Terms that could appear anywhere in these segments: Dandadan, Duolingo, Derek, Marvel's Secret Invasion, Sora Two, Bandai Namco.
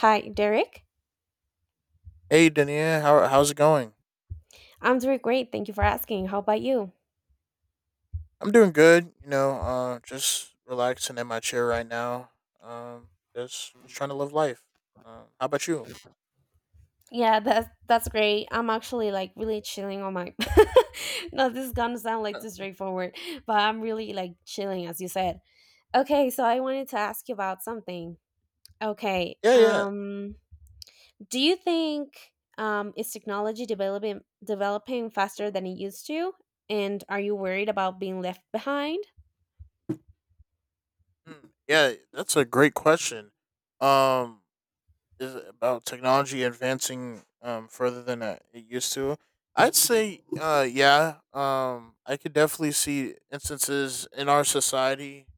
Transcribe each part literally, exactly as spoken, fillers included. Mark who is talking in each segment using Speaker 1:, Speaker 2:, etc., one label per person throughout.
Speaker 1: Hi, Derek.
Speaker 2: Hey, Dania, how how's it going?
Speaker 1: I'm doing great. Thank you for asking. How about you?
Speaker 2: I'm doing good. You know, uh, just relaxing in my chair right now. Um, just just trying to live life. Um, how about you?
Speaker 1: Yeah, that's that's great. I'm actually like really chilling on my. No, this is gonna sound like
Speaker 2: Uh,
Speaker 1: too straightforward, but I'm really like chilling, as you said. Okay, so I wanted to ask you about something. Okay,
Speaker 2: Yeah, yeah,
Speaker 1: um, do you think um is technology developing developing faster than it used to, and are you worried about being left behind?
Speaker 2: Mm, yeah. That's a great question. Um, is it about technology advancing um further than uh, it used to? I'd say, uh, yeah. Um, I could definitely see instances in our society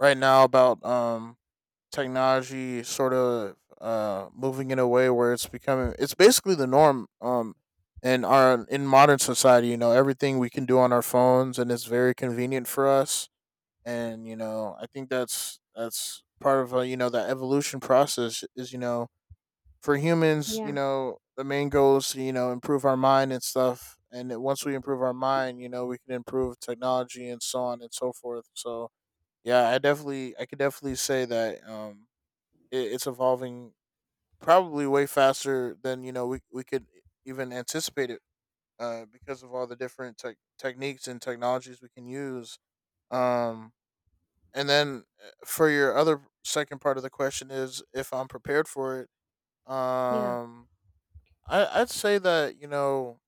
Speaker 2: right now about um technology sort of uh moving in a way where it's becoming it's basically the norm, um in our in modern society. You know, everything we can do on our phones, and it's very convenient for us. And you know, I think that's that's part of, uh, you know, that evolution process is, you know, for humans. You
Speaker 1: Yeah,
Speaker 2: know, the main goal is to, you know, improve our mind and stuff, and then once we improve our mind, you know, we can improve technology and so on and so forth. So yeah, I definitely, I could definitely say that, um it, it's evolving probably way faster than, you know, we, we could e, even anticipate it, uh, because of all the different tech techniques and technologies we can use. um, and then, uh, for your other second part of the question is if I'm prepared for it.
Speaker 1: yeah.
Speaker 2: um, I, i'd say that, you know,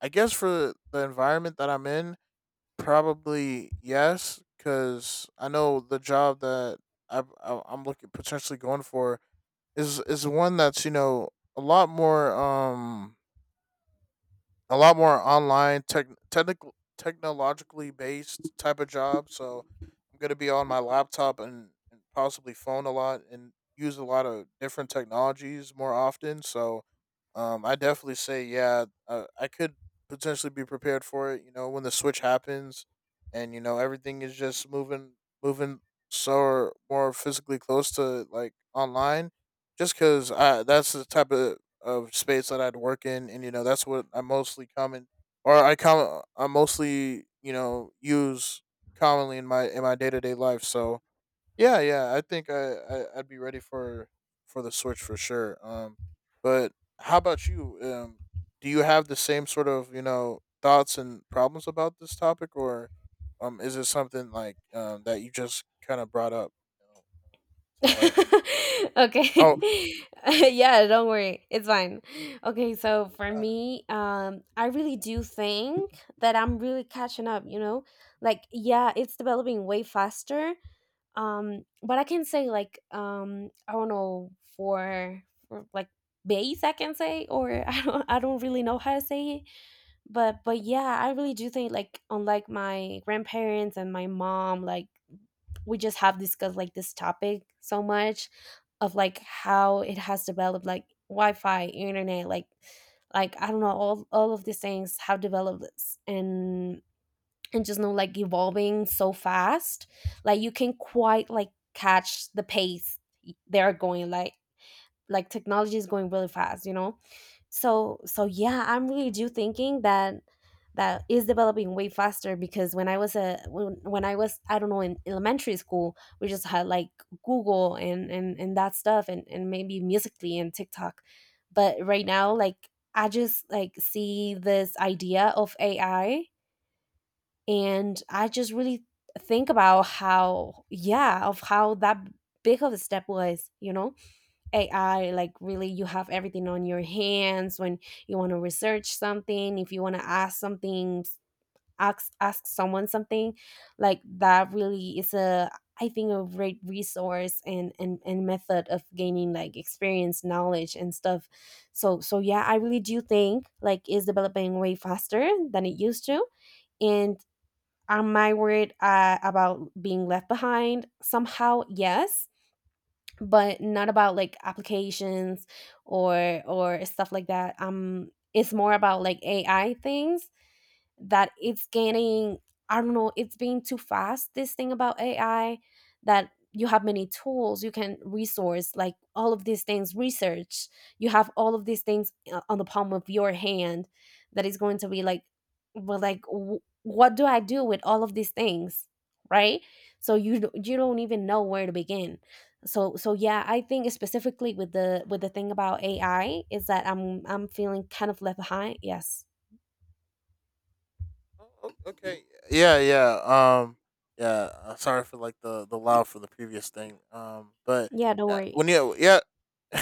Speaker 2: I guess for the environment that I'm in, probably yes, because I know the job that I, I, i'm looking potentially going for is is one that's, you know, a lot more, um a lot more online tech technical technologically based type of job. So I'm gonna be on my laptop and, and possibly phone a lot and use a lot of different technologies more often. So um, I definitely say yeah, uh, I could potentially be prepared for it. You know, when the switch happens, and you know everything is just moving moving so more physically close to like online, just because that's the type of of space that I'd work in, and you know that's what I mostly common, or I com I mostly, you know, use commonly in my in my day to day life. So yeah, yeah, I think I, I I'd be ready for for the switch for sure. Um, but how about you? Um, do you have the same sort of, you know, thoughts and problems about this topic, or um, is it something like um that you just kind of brought up, you know, to like oh.
Speaker 1: Okay. Yeah, don't worry. It's fine. Okay, so for
Speaker 2: uh,
Speaker 1: me, um, I really do think that I'm really catching up, you know? Like, yeah, it's developing way faster. Um, but I can say like um I don't know for, for like base I can say or I don't I don't really know how to say it. but but yeah, I really do think, like, unlike my grandparents and my mom, like, we just have discussed like this topic so much of like how it has developed, like wi-fi, internet, like like I don't know, all, all of these things have developed s- and and just know like evolving so fast, like you can quite like catch the pace they're going, like like technology is going really fast, you know? So so yeah, I'm really do thinking that that is developing way faster because when I was a when, when I was I don't know, in elementary school we just had like Google and and and that stuff, and and maybe Musically and TikTok, but right now like I just like see this idea of AI, and I just really think about how, yeah, of how that big of a step was, you know? A I, like, really, you have everything on your hands. When you want to research something, if you want to ask something, ask ask someone something, like that really is a, I think, a great resource and and and method of gaining like experience, knowledge, and stuff. So so yeah, I really do think like is developing way faster than it used to, and am I worried uh, about being left behind? Somehow, yes, but not about like applications or or stuff like that. Um it's more about like AI things, that it's getting, I don't know, it's being too fast, this thing about AI, that you have many tools, you can resource like all of these things, research, you have all of these things uh, on the palm of your hand, that is going to be like, well, like w- what do I do with all of these things, right? So you d- you don't even know where to begin. So so yeah, I think specifically with the with the thing about AI is that i'm i'm feeling kind of left behind, yes.
Speaker 2: Oh, okay. Yeah, yeah. Um, yeah. uh, Sorry for like the the loud for the previous thing. Um, but
Speaker 1: Yeah, don't
Speaker 2: uh,
Speaker 1: worry.
Speaker 2: when you yeah.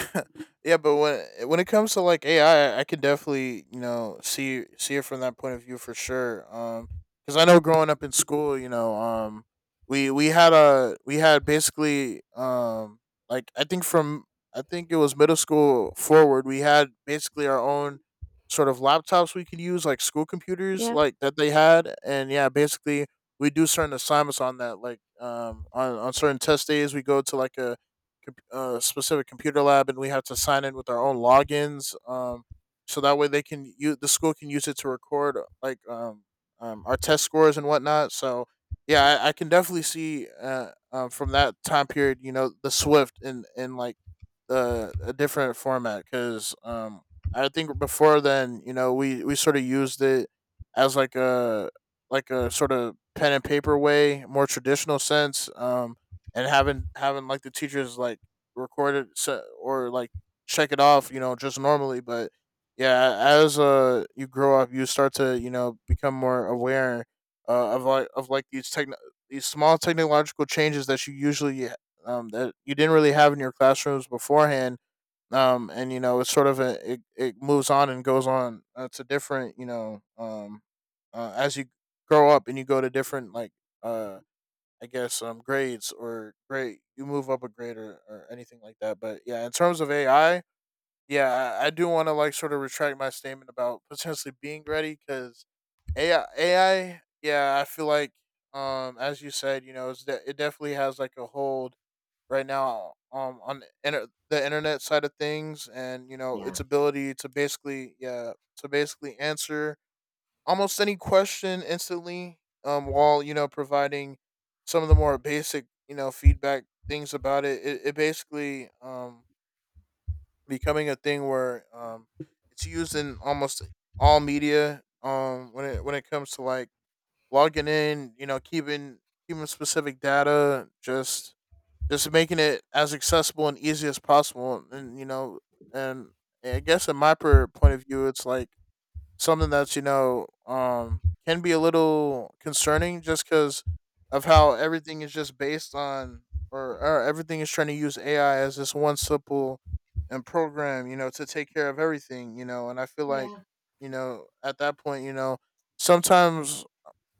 Speaker 2: yeah, but when when it comes to like A I, I I can definitely, you know, see see it from that point of view for sure. Um, because I know growing up in school, you know, um, we we had a we had basically, um like I think from I think it was middle school forward, we had basically our own sort of laptops we could use, like school computers,
Speaker 1: Yeah.
Speaker 2: like that they had, and yeah, basically we do certain assignments on that, like um on on certain test days, we go to like a com- uh, specific computer lab, and we have to sign in with our own logins. Um, so that way they can use, the school can use it to record, uh, like um, um our test scores and whatnot. So yeah, I, I can definitely see, uh, um, from that time period, you know, the Swift and and like, uh, a different format, because um, I think before then, you know, we we sort of used it as like a, like a sort of pen and paper way, more traditional sense, um, and having having like the teachers like record it se- or like check it off, you know, just normally. But yeah, as uh you grow up, you start to, you know, become more aware, uh, of like of like these techno these small technological changes that you usually, um, that you didn't really have in your classrooms beforehand. Um, and you know, it's sort of a, it, it moves on and goes on, uh, to different, you know, um, uh, as you grow up and you go to different like, uh, I guess um grades or grade you move up a grade or, or anything like that. But yeah, in terms of A I, yeah, I, I do want to like sort of retract my statement about potentially being ready because AI, A I, yeah, I feel like um as you said, you know, it's de- it definitely has like a hold right now um on the inter- the internet side of things. And you know
Speaker 1: Yeah.
Speaker 2: its ability to basically yeah to basically answer almost any question instantly, um while, you know, providing some of the more basic, you know, feedback things about it, it, it basically, um becoming a thing where um it's used in almost all media, um when it when it comes to like logging in, you know, keeping keeping specific data, just just making it as accessible and easy as possible. And you know, and I guess in my per point of view, it's like something that's, you know, um can be a little concerning just because of how everything is just based on, or, or everything is trying to use AI as this one simple and program, you know, to take care of everything, you know. And I feel like,
Speaker 1: Yeah.
Speaker 2: you know, at that point, you know, sometimes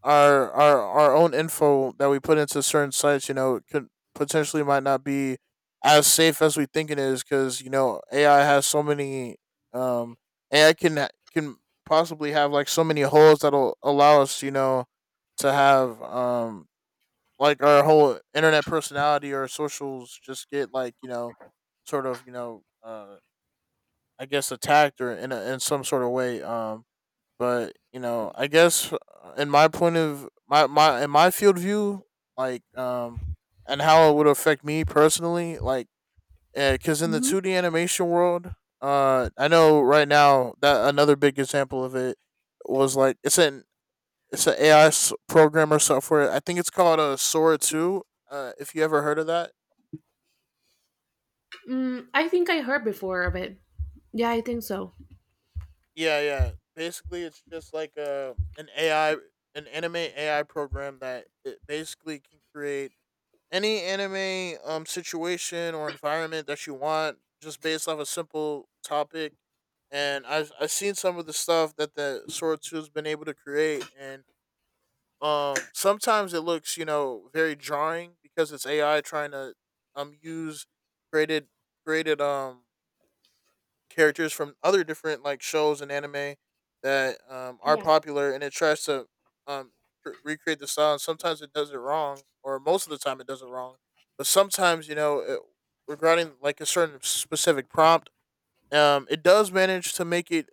Speaker 2: our our our own info that we put into certain sites, you know, could potentially might not be as safe as we think it is, because you know A I has so many um A I can can possibly have like so many holes that'll allow us, you know, to have, um like our whole internet personality or socials just get like, you know, sort of, you know, uh I guess attacked or in a, in some sort of way. Um but you know, I guess, uh, in my point of my my in my field view, like, um, and how it would affect me personally, like because in the
Speaker 1: Hmm.
Speaker 2: two D animation world, uh, I know right now that another big example of it was like it's an it's an A I program or software. I think it's called a Sora Two. Uh, if you ever heard of that,
Speaker 1: Mm, I think I heard before of it. Yeah, I think so.
Speaker 2: yeah, yeah. Basically, it's just like a an A I, an anime A I program that it basically can create any anime um situation or environment that you want just based off a simple topic. And i've I've seen some of the stuff that the sword two has been able to create. And um sometimes it looks, you know, very jarring because it's AI trying to, um use created created, um characters from other different like shows and anime that um, are
Speaker 1: Yeah.
Speaker 2: popular, and it tries to um, re- recreate the style. And sometimes it does it wrong, or most of the time it does it wrong. But sometimes, you know, it, regarding like a certain specific prompt, um, it does manage to make it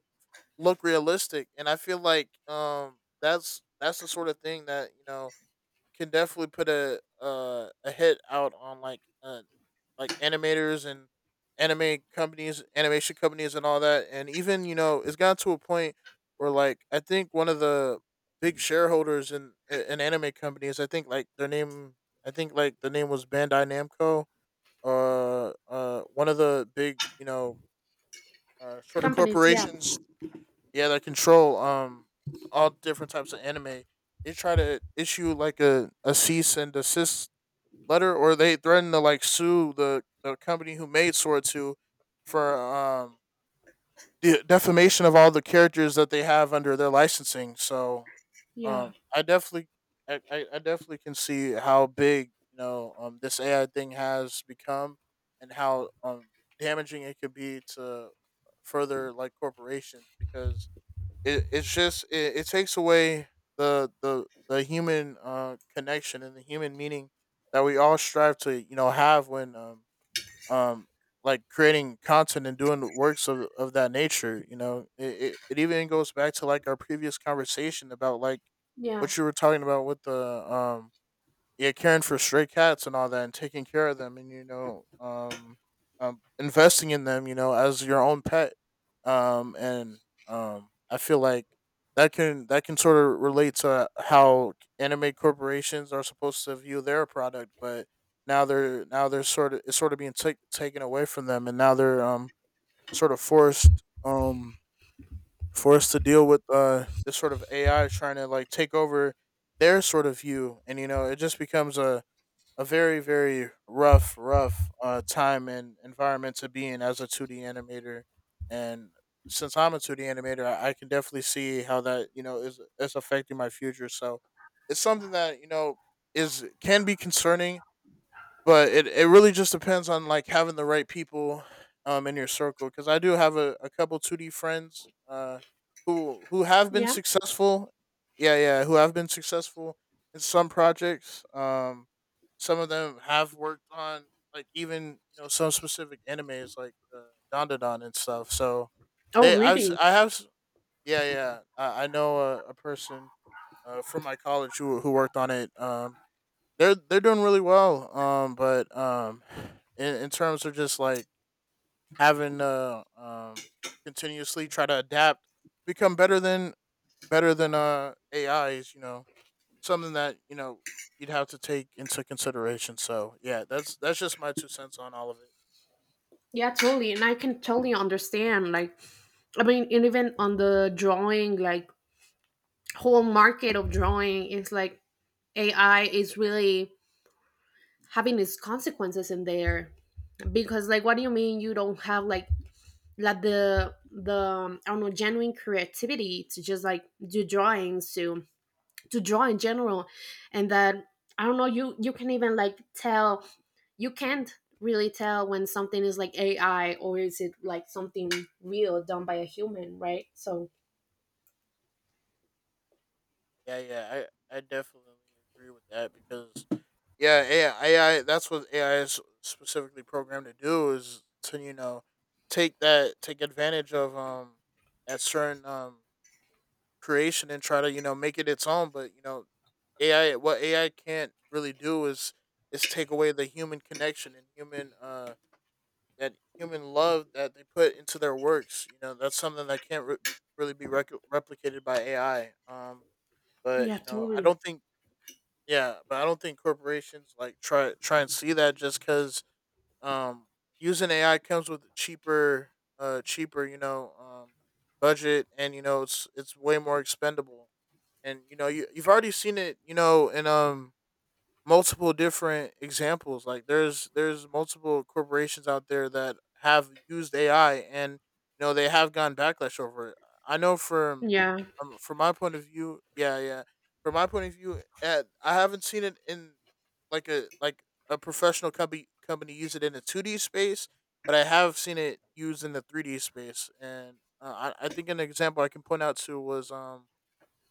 Speaker 2: look realistic. And I feel like, um, that's that's the sort of thing that, you know, can definitely put a, uh, a hit out on like, uh, like animators and anime companies, animation companies, and all that. And even you know, it's gotten to a point where like I think one of the big shareholders in in anime companies, I think like their name, I think like the name was Bandai Namco. Uh, uh, one of the big, you know, uh, shorter
Speaker 1: Companies. Yeah.
Speaker 2: corporations, yeah, that control um all different types of anime. They try to issue like a, a cease and desist letter, or they threatened to like sue the, the company who made Sword two for um the defamation of all the characters that they have under their licensing. So
Speaker 1: Yeah.
Speaker 2: um I definitely I, I I definitely can see how big, you know, um this A I thing has become and how um damaging it could be to further like corporations because it, it's just it, it takes away the the the human uh connection and the human meaning that we all strive to you know have when um um like creating content and doing works of, of that nature. You know it, it, it even goes back to like our previous conversation about like
Speaker 1: Yeah.
Speaker 2: what you were talking about with the um yeah, caring for stray cats and all that, and taking care of them, and you know, um, um, investing in them, you know, as your own pet, um, and um, I feel like that can that can sort of relate to how anime corporations are supposed to view their product, but now they're now they're sort of, it's sort of being ta- taken away from them, and now they're um sort of forced, um forced to deal with uh this sort of A I trying to like take over their sort of view. And you know, it just becomes a a very very rough rough uh, time and environment to be in as a two D animator. And since I'm a two D animator, i, I can definitely see how that you know is is affecting my future. So it's something that, you know, is can be concerning, but it, it really just depends on like having the right people um in your circle, because I do have a, a couple two D friends uh who who have been
Speaker 1: Yeah.
Speaker 2: successful. Yeah yeah who have been successful in some projects. Um some of them have worked on like even, you know, some specific animes, like uh, Dandadan and stuff. So
Speaker 1: Oh,
Speaker 2: they I've s-
Speaker 1: really?
Speaker 2: I have s- yeah, yeah i, I know a, a person uh, from my college who who worked on it. Um they're they're doing really well. Um, but um, in in terms of just like having to um continuously try to adapt, become better than better than uh A I, is, you know, something that you know you'd have to take into consideration. So yeah, that's that's just my two cents on all of it.
Speaker 1: Yeah, totally. And I can totally understand. Like, I mean, and even on the drawing, like, whole market of drawing is like A I is really having its consequences in there because, like, what do you mean you don't have like like the the um, I don't know, genuine creativity to just like do drawings, to to draw in general? And that, I don't know, you you can even like tell, you can't really tell when something is like AI or is it like something real done by a human, right? So
Speaker 2: Yeah, yeah, I I definitely agree with that, because yeah, A I, that's what A I is specifically programmed to do, is to, you know, take that take advantage of um that certain um creation and try to, you know, make it its own. But you know, A I what A I can't really do is is take away the human connection and human uh that human love that they put into their works. You know, that's something that can't re- really be rec- replicated by A I. Um,
Speaker 1: yeah,
Speaker 2: but you know, I
Speaker 1: totally.
Speaker 2: don't think, yeah, but I don't think corporations like try try and see that, just because um, using A I comes with a cheaper, uh, cheaper, you know, um, budget, and you know it's it's way more expendable. And you know, you you've already seen it, you know, in um multiple different examples. Like there's there's multiple corporations out there that have used A I, and you know they have gotten backlash over it. I know from
Speaker 1: Yeah.
Speaker 2: um, from my point of view, yeah, yeah. From my point of view, eh, I haven't seen it in like a like a professional company company use it in a two D space, but I have seen it used in the three D space. And uh, I I think an example I can point out to was um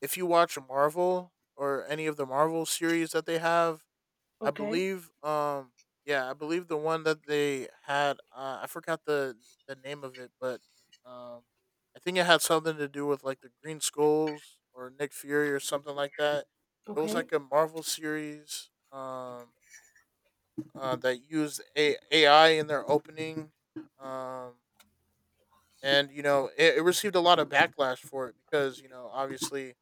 Speaker 2: if you watch Marvel or any of the Marvel series that they have, I
Speaker 1: Okay.
Speaker 2: believe um yeah, I believe the one that they had, uh, I forgot the the name of it, but um I think it had something to do with like the Green Skulls or Nick Fury or something like that. It was
Speaker 1: Okay.
Speaker 2: like a Marvel series, um uh, that used a- AI in their opening, um and you know it, it received a lot of backlash for it, because you know obviously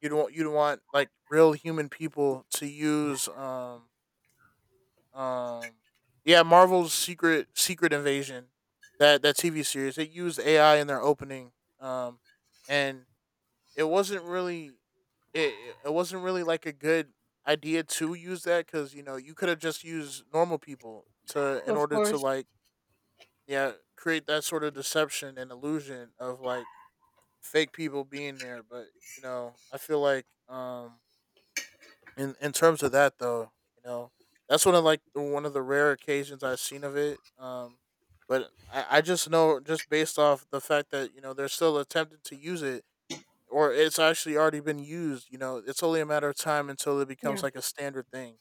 Speaker 2: you don't you don't want like real human people to use um Um, yeah, Marvel's Secret Secret Invasion, that that T V series, it used A I in their opening. Um, and It wasn't really, it it wasn't really like a good idea to use that, because you know you could have just used normal people to in
Speaker 1: Of
Speaker 2: order to
Speaker 1: course.
Speaker 2: like, yeah, create that sort of deception and illusion of like fake people being there. But you know, I feel like um in in terms of that though, you know, that's one of like one of the rare occasions I've seen of it. Um, but I, I just know just based off the fact that you know they're still attempting to use it, or it's actually already been used. You know, it's only a matter of time until it becomes
Speaker 1: Yeah.
Speaker 2: like a standard thing.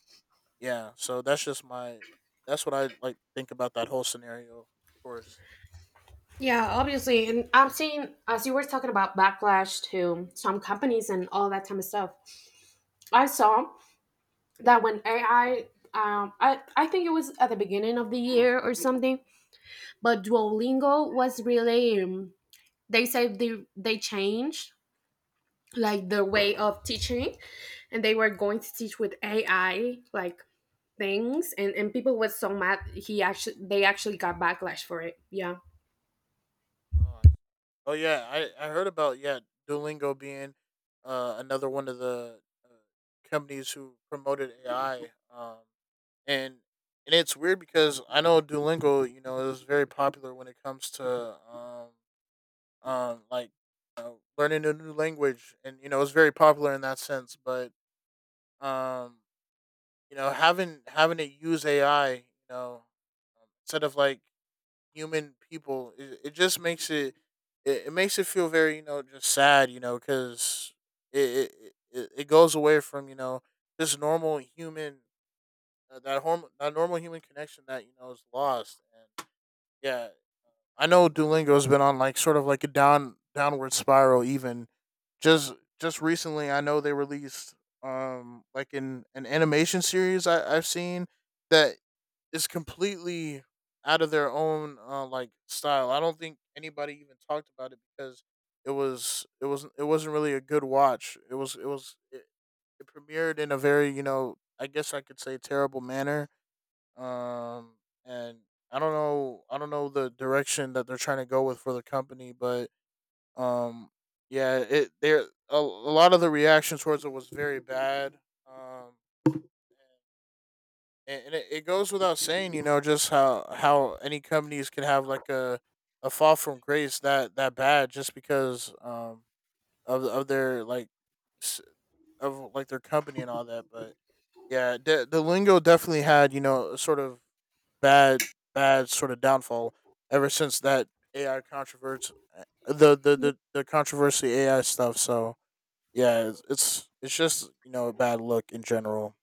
Speaker 2: Yeah, so that's just my that's what I like think about that whole scenario. Of course.
Speaker 1: Yeah, obviously. And I'm seeing, as you were talking about backlash to some companies and all that kind of stuff, I saw that when A I, um, I, I think it was at the beginning of the year or something, but Duolingo was really um, they said they they changed like their way of teaching, and they were going to teach with A I like things, and and people were so mad. He actually, they actually got backlash for it. Yeah,
Speaker 2: Oh, I- oh yeah, I I heard about, yeah, Duolingo being uh another one of the uh, companies who promoted A I. Um, and and it's weird, because I know Duolingo, you know, is very popular when it comes to um um like, you know, learning a new language, and you know, it's very popular in that sense. But um, you know, having having it use A I, you know, um, instead of like human people, it, it just makes it, it it makes it feel very, you know, just sad, you know, because it, it it it goes away from, you know, just normal human, uh, that horm- that normal human connection that you know is lost. And yeah, I know Duolingo has been on like sort of like a down downward spiral. Even just just recently, I know they released um like in an animation series I- I've seen that is completely out of their own uh, like style. I don't think anybody even talked about it, because it was it was it wasn't really a good watch. It was it was it, it premiered in a very, you know, I guess I could say, terrible manner. Um, and I don't know, I don't know the direction that they're trying to go with for the company. But um, yeah, it there, a, a lot of the reaction towards it was very bad. Um, and, and it, it goes without saying, you know, just how how any companies can have like a a fall from grace that that bad, just because um of of their like s- of like their company and all that. But yeah, the the lingo definitely had, you know, a sort of bad bad sort of downfall ever since that A I controversy, the the the, the controversy A I stuff. So yeah, it's, it's it's just, you know, a bad look in general.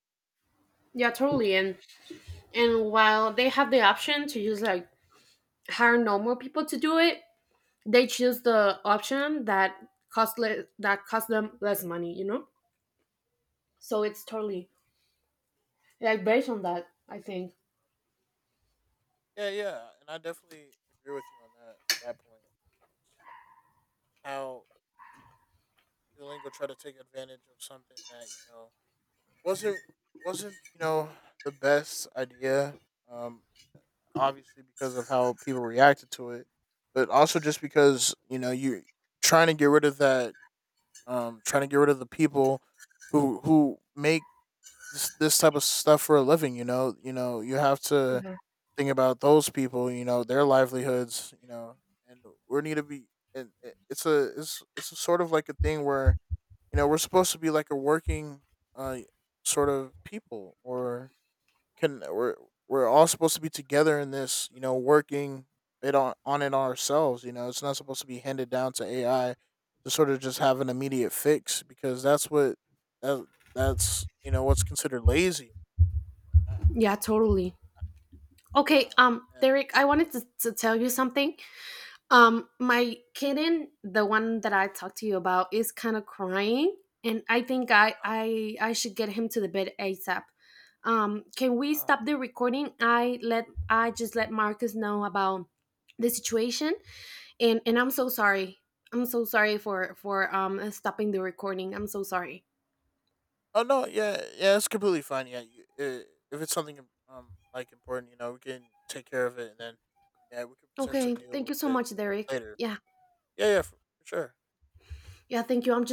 Speaker 1: yeah, totally. And and while they have the option to use like hire normal people to do it, they choose the option that cost le- that cost them less money. You know, so it's totally like based on that, I think.
Speaker 2: Yeah, yeah, and I definitely agree with you on that that point. How Duolingo tried to take advantage of something that, you know, wasn't wasn't, you know, the best idea. Um, Obviously because of how people reacted to it, but also just because, you know, you're trying to get rid of that, um, trying to get rid of the people who who make this, this type of stuff for a living. You know, you know, you have to
Speaker 1: Yeah.
Speaker 2: think about those people. You know, their livelihoods. You know, and we need to be. And it- it's a It's it's a sort of like a thing where, you know, we're supposed to be like a working uh sort of people, or can we're we're all supposed to be together in this, you know, working it on on it ourselves. You know, it's not supposed to be handed down to A I to sort of just have an immediate fix, because that's what that that's, you know, what's considered lazy.
Speaker 1: Yeah, totally. Okay,
Speaker 2: Yeah.
Speaker 1: um,
Speaker 2: And
Speaker 1: Derek, I wanted to, to tell you something. Um, my kitten, the one that I talked to you about, is kind of crying, and I think I
Speaker 2: uh,
Speaker 1: I I should get him to the bed A S A P. Um, can we
Speaker 2: uh,
Speaker 1: stop the recording? I let I just let Marcus know about the situation, and and I'm so sorry. I'm so sorry for for um stopping the recording. I'm so sorry.
Speaker 2: oh no, yeah, yeah, it's completely fine. Yeah, you, I if it's something um like important, you know, we can take care of it and then, yeah, we could potentially
Speaker 1: Okay,
Speaker 2: deal
Speaker 1: thank you
Speaker 2: with
Speaker 1: so
Speaker 2: it
Speaker 1: much, Derek.
Speaker 2: later.
Speaker 1: Yeah,
Speaker 2: Yeah, yeah, for, for sure.
Speaker 1: yeah, thank you. I'm just